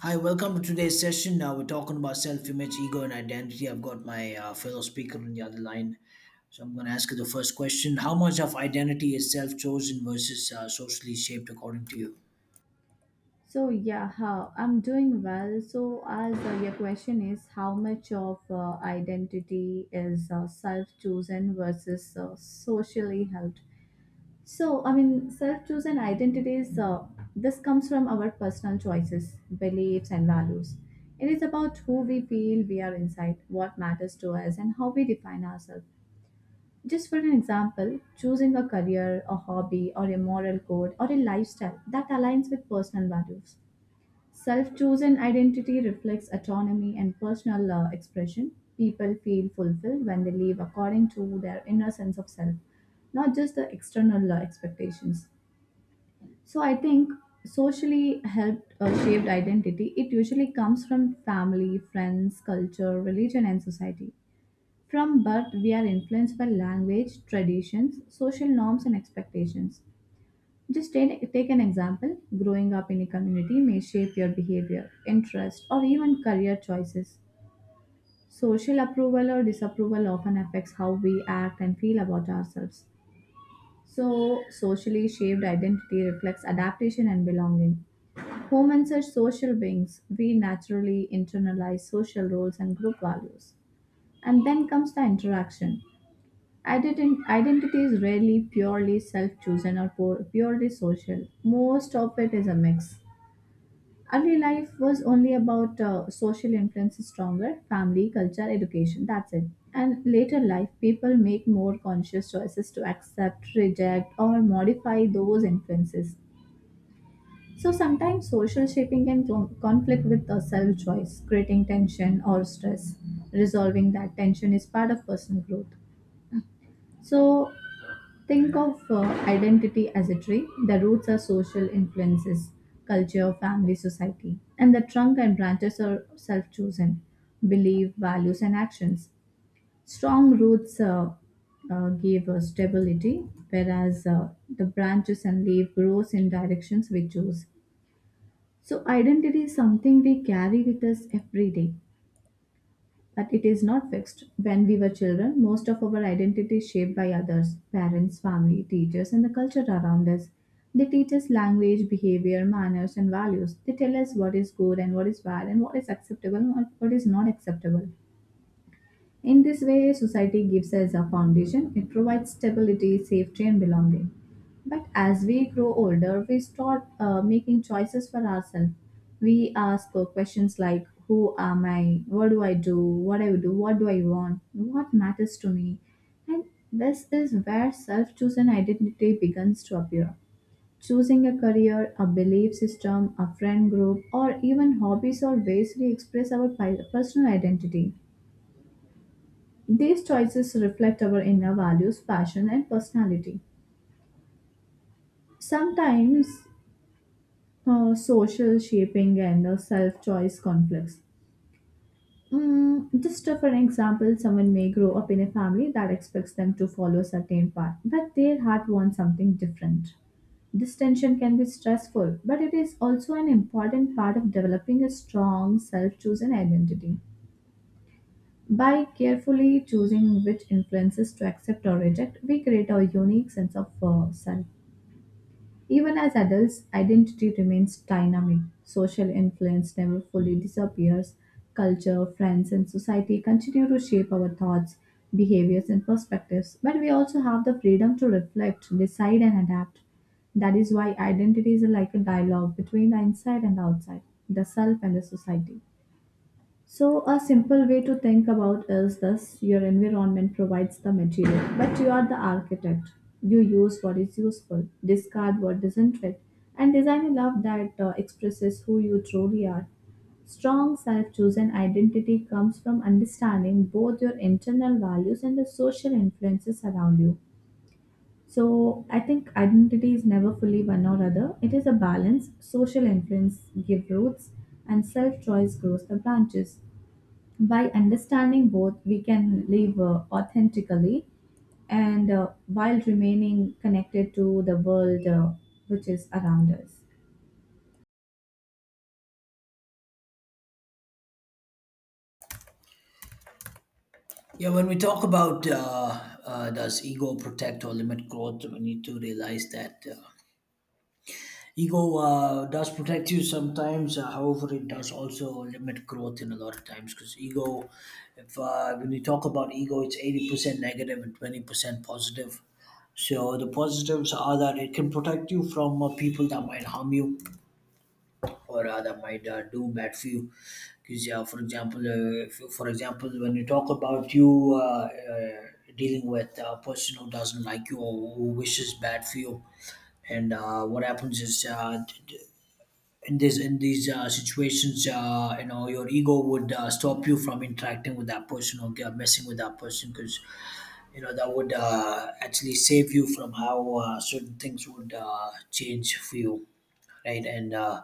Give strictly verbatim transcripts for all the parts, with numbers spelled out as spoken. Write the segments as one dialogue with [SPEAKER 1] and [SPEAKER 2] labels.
[SPEAKER 1] Hi, welcome to today's session. Now we're talking about self-image, ego, and identity. I've got my uh, fellow speaker on the other line, so I'm going to ask you the first question: How much of identity is self-chosen versus uh, socially shaped, according to you?
[SPEAKER 2] So yeah, how I'm doing well. So as uh, your question is, how much of uh, identity is uh, self-chosen versus uh, socially held? So I mean, self-chosen identities. Uh, this comes from our personal choices, beliefs, and values. It is about who we feel we are inside, what matters to us, and how we define ourselves. Just for an example, choosing a career, a hobby, or a moral code, or a lifestyle that aligns with personal values. Self chosen identity reflects autonomy and personal uh, expression. People feel fulfilled when they live according to their inner sense of self, not just the external uh, expectations. So, I think socially helped uh, shaped identity, it usually comes from family, friends, culture, religion, and society. From birth we are influenced by language, traditions, social norms, and expectations. Just take, take an example. Growing up in a community may shape your behavior, interest, or even career choices. Social approval or disapproval often affects how we act and feel about ourselves. So, socially shaped identity reflects adaptation and belonging. Humans are social beings. We naturally internalize social roles and group values. And then comes the interaction. Ident- Identity is rarely purely self chosen or pu- purely social. Most of it is a mix. Early life was only about uh, social influences stronger, family, culture, education, that's it. And later life, people make more conscious choices to accept, reject, or modify those influences. So sometimes social shaping can con- conflict with the self choice, creating tension or stress. Resolving that tension is part of personal growth. So, think of uh, identity as a tree. The roots are social influences, culture, family, society, and the trunk and branches are self chosen, belief, values, and actions. Strong roots uh, uh, give us stability, whereas uh, the branches and leaf grows in directions we choose. So, identity is something we carry with us every day, but it is not fixed. When we were children, most of our identity is shaped by others, parents, family, teachers, and the culture around us. They teach us language, behavior, manners, and values. They tell us what is good and what is bad, and what is acceptable and what is not acceptable. In this way, society gives us a foundation. It provides stability, safety, and belonging. But as we grow older, we start uh, making choices for ourselves. We ask uh, questions like, who am I? What do I do? What I do? What do I want? What matters to me? And this is where self chosen identity begins to appear. Choosing a career, a belief system, a friend group, or even hobbies or ways we express our pi- personal identity. These choices reflect our inner values, passion, and personality. Sometimes, uh, social shaping and uh, self choice conflicts. Mm, just for an example, someone may grow up in a family that expects them to follow a certain path, but their heart wants something different. This tension can be stressful, but it is also an important part of developing a strong self chosen identity. By carefully choosing which influences to accept or reject, we create our unique sense of uh, self. Even as adults, identity remains dynamic. Social influence never fully disappears. Culture, friends, and society continue to shape our thoughts, behaviors, and perspectives. But we also have the freedom to reflect, decide, and adapt. That is why identity is like a dialogue between the inside and the outside, the self and the society. So, a simple way to think about is this, your environment provides the material, but you are the architect. You use what is useful, discard what doesn't fit, and design a love that uh, expresses who you truly are. Strong self chosen identity comes from understanding both your internal values and the social influences around you. So, I think identity is never fully one or other, it is a balance. Social influence gives roots, and self choice grows the branches. By understanding both, we can live uh, authentically and uh, while remaining connected to the world uh, which is around us.
[SPEAKER 1] Yeah, when we talk about uh, uh, does ego protect or limit growth, we need to realize that. Uh, Ego uh, does protect you sometimes, uh, however, it does also limit growth in a lot of times because ego, if uh, when you talk about ego, it's eighty percent negative and twenty percent positive. So the positives are that it can protect you from uh, people that might harm you or uh, that might uh, do bad for you. Because yeah, for example, uh, if, for example, when you talk about you uh, uh, dealing with a person who doesn't like you or who wishes bad for you, and uh, what happens is uh, in this in these uh, situations uh, you know your ego would uh, stop you from interacting with that person or get, messing with that person because you know that would uh, actually save you from how uh, certain things would uh, change for you right and uh,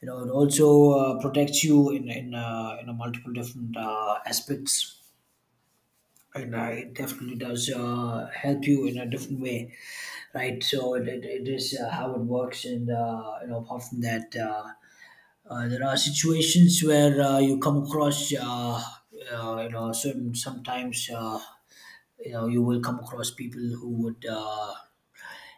[SPEAKER 1] you know it also uh, protects you in in, uh, you know multiple different uh, aspects and uh, it definitely does uh, help you in a different way right so it, it, it is uh, how it works and uh, you know apart from that uh, uh, there are situations where uh, you come across, uh, uh, you know, certain sometimes, uh, you know, you will come across people who would uh,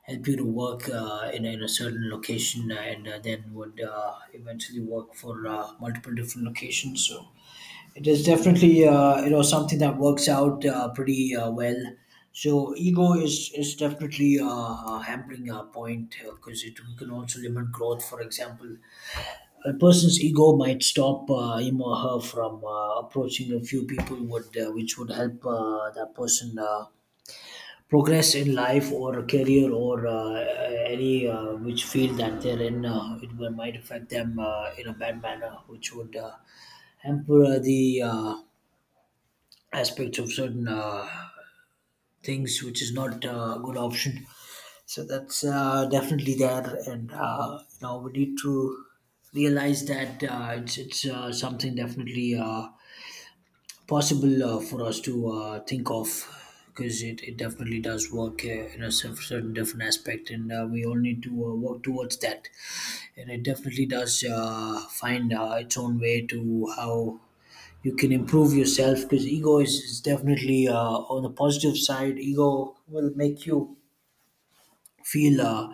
[SPEAKER 1] help you to work uh, in, in a certain location and uh, then would uh, eventually work for uh, multiple different locations. So it is definitely, uh, you know, something that works out uh, pretty uh, well. So ego is is definitely uh, a hampering uh, point because it can also limit growth. For example, a person's ego might stop uh, him or her from uh, approaching a few people would uh, which would help uh, that person uh, progress in life or career or uh, any uh, which field that they're in uh, it will- might affect them uh, in a bad manner which would uh, hamper uh, the uh, aspects of certain uh, things, which is not uh, a good option. So that's uh, definitely there, and uh, you know we need to realize that uh, it's it's uh, something definitely uh, possible uh, for us to uh, think of because it, it definitely does work uh, in a cer- certain different aspect and uh, we all need to uh, work towards that and it definitely does uh, find uh, its own way to how you can improve yourself because ego is, is definitely uh, on the positive side. Ego will make you feel uh,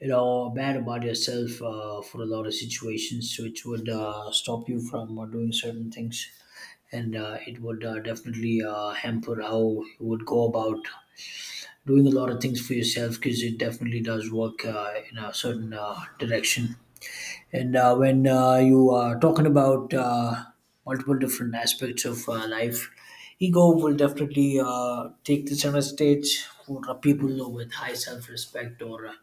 [SPEAKER 1] you know bad about yourself uh, for a lot of situations which would uh, stop you from uh, doing certain things and uh, it would uh, definitely uh, hamper how you would go about doing a lot of things for yourself because it definitely does work uh, in a certain uh, direction and uh, when uh, you are talking about uh, multiple different aspects of uh, life, ego will definitely uh, take the center stage for uh, people with high self-respect or uh,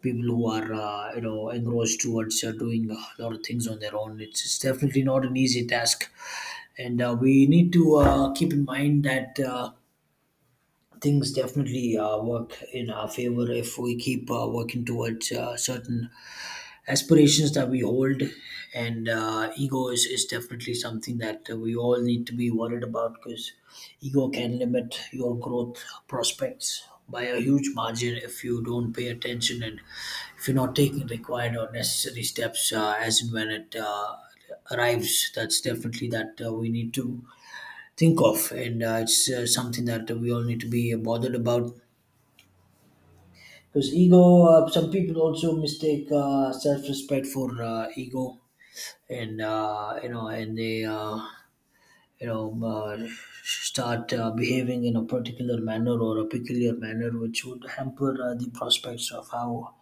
[SPEAKER 1] people who are uh, you know engrossed towards uh, doing a lot of things on their own. It's, it's definitely not an easy task, and uh, we need to uh, keep in mind that. Uh, Things definitely uh, work in our favor if we keep uh, working towards uh, certain aspirations that we hold and uh, ego is, is definitely something that uh, we all need to be worried about because ego can limit your growth prospects by a huge margin if you don't pay attention and if you're not taking required or necessary steps uh, as and when it uh, arrives. That's definitely that uh, we need to think of and uh, it's uh, something that we all need to be bothered about because ego uh, some people also mistake uh, self-respect for uh, ego and uh, you know and they uh, you know uh, start uh, behaving in a particular manner or a peculiar manner which would hamper uh, the prospects of how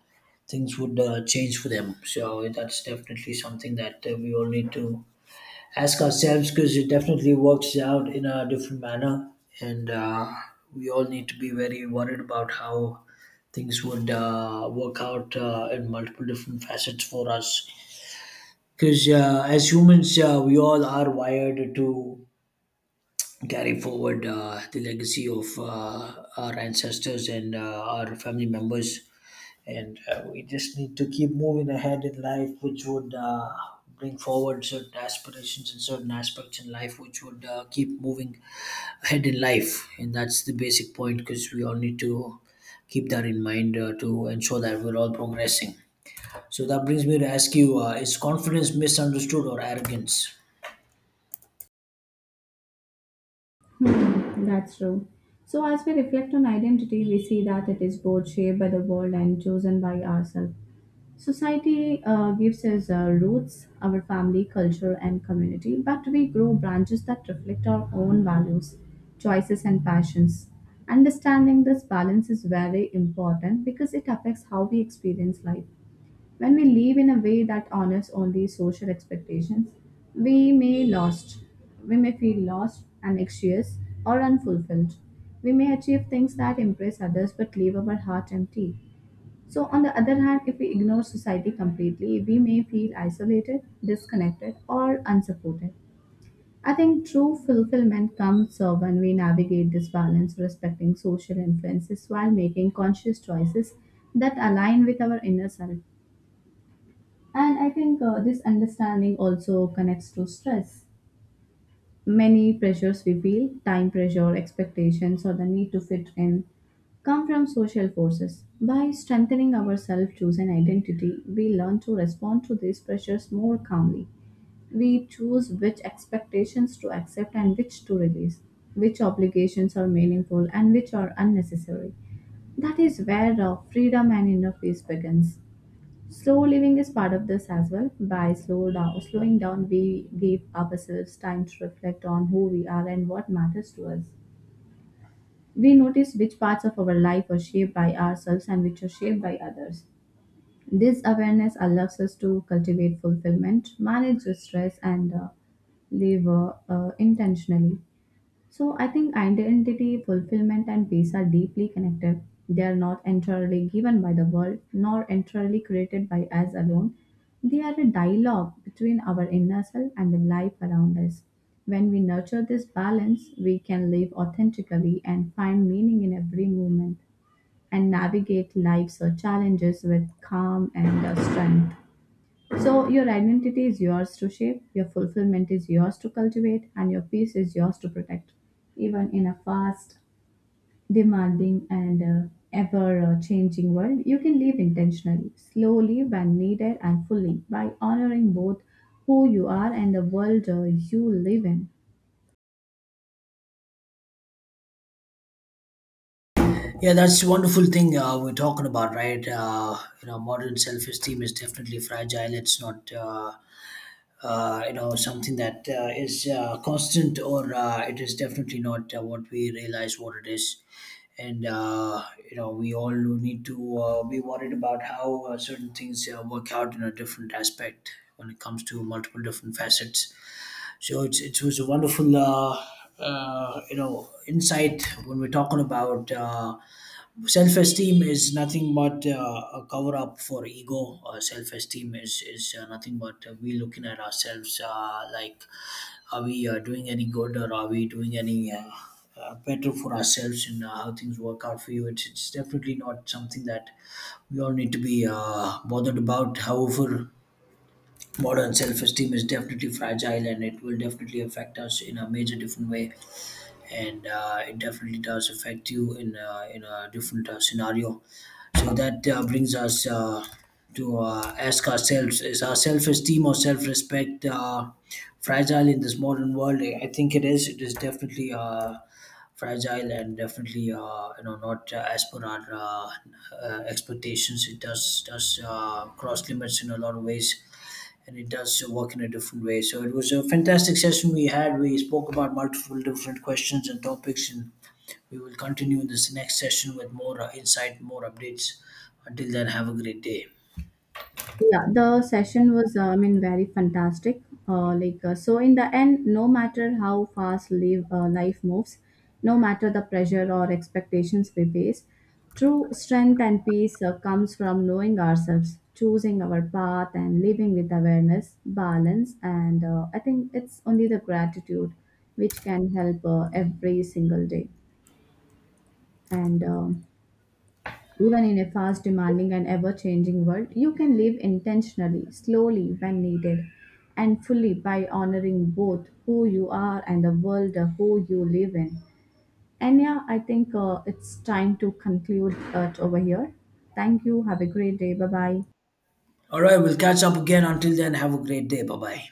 [SPEAKER 1] things would uh, change for them. So that's definitely something that uh, we all need to ask ourselves because it definitely works out in a different manner and uh, we all need to be very worried about how things would uh, work out uh, in multiple different facets for us because uh, as humans, uh, we all are wired to carry forward uh, the legacy of uh, our ancestors and uh, our family members. And uh, we just need to keep moving ahead in life, which would uh, bring forward certain aspirations and certain aspects in life, which would uh, keep moving ahead in life. And that's the basic point because we all need to keep that in mind uh, to ensure that we're all progressing. So that brings me to ask you, uh, is confidence misunderstood or arrogance?
[SPEAKER 2] Hmm, that's true. So, as we reflect on identity, we see that it is both shaped by the world and chosen by ourselves. Society uh, gives us uh, roots, our family, culture, and community, but we grow branches that reflect our own values, choices, and passions. Understanding this balance is very important because it affects how we experience life. When we live in a way that honors only social expectations, we may lost. We may feel lost, anxious, or unfulfilled. We may achieve things that impress others but leave our heart empty. So, on the other hand, if we ignore society completely, we may feel isolated, disconnected, or unsupported. I think true fulfillment comes uh, when we navigate this balance, respecting social influences while making conscious choices that align with our inner self. And I think uh, this understanding also connects to stress. Many pressures we feel, time pressure, expectations, or the need to fit in, come from social forces. By strengthening our self choose and identity, we learn to respond to these pressures more calmly. We choose which expectations to accept and which to release, which obligations are meaningful and which are unnecessary. That is where uh, freedom and inner peace begins. Slow living is part of this as well. By slow down, slowing down, we give ourselves time to reflect on who we are and what matters to us. We notice which parts of our life are shaped by ourselves and which are shaped by others. This awareness allows us to cultivate fulfillment, manage the stress, and uh, live uh, uh, intentionally. So I think identity, fulfillment, and peace are deeply connected. They are not entirely given by the world, nor entirely created by us alone. They are a dialogue between our inner self and the life around us. When we nurture this balance, we can live authentically and find meaning in every moment and navigate life's uh, challenges with calm and uh, strength. So, your identity is yours to shape, your fulfillment is yours to cultivate, and your peace is yours to protect. Even in a fast, demanding, and uh, ever uh, changing world, you can live intentionally, slowly when needed, and fully by honoring both who you are and the world uh, you live in.
[SPEAKER 1] Yeah, that's the wonderful thing uh, we're talking about, right? Uh, you know, modern self-esteem is definitely fragile. It's not, uh, uh, you know, something that uh, is uh, constant, or uh, it is definitely not uh, what we realize what it is. And uh, you know, we all need to uh, be worried about how uh, certain things uh, work out in a different aspect when it comes to multiple different facets. So it's it was a wonderful, uh, uh, you know, insight when we're talking about. Uh, self esteem is nothing but uh, a cover up for ego. Uh, self esteem is is uh, nothing but uh, we looking at ourselves uh, like are we uh, doing any good or are we doing any uh, uh, better for ourselves and uh, how things work out for you. It's, it's definitely not something that we all need to be uh, bothered about. However modern self esteem is definitely fragile and it will definitely affect us in a major different way and uh, it definitely does affect you in a, in a different uh, scenario. So that uh, brings us uh, to uh, ask ourselves: Is our self-esteem or self-respect uh, fragile in this modern world? I I think it is. It is definitely Uh, fragile and definitely uh, you know not uh, as per our uh, uh, expectations. It does does uh, cross limits in a lot of ways and it does so work in a different way. So it was a fantastic session we had. We spoke about multiple different questions and topics, and we will continue in this next session with more uh, insight, more updates. Until then, have a great day.
[SPEAKER 2] Yeah, the session was uh, I mean very fantastic. Uh, like uh, so in the end, no matter how fast live, uh, life moves, no matter the pressure or expectations we face, true strength and peace uh, comes from knowing ourselves, choosing our path, and living with awareness, balance, and uh, I think it's only the gratitude which can help uh, every single day. And um Even in a fast, demanding, and ever changing world, you can live intentionally, slowly when needed, and fully by honoring both who you are and the world uh, who you live in. And yeah, I think uh, it's time to conclude it over here. Thank you. Have a great day. Bye bye.
[SPEAKER 1] All right, we'll catch up again. Until then, have a great day. Bye bye.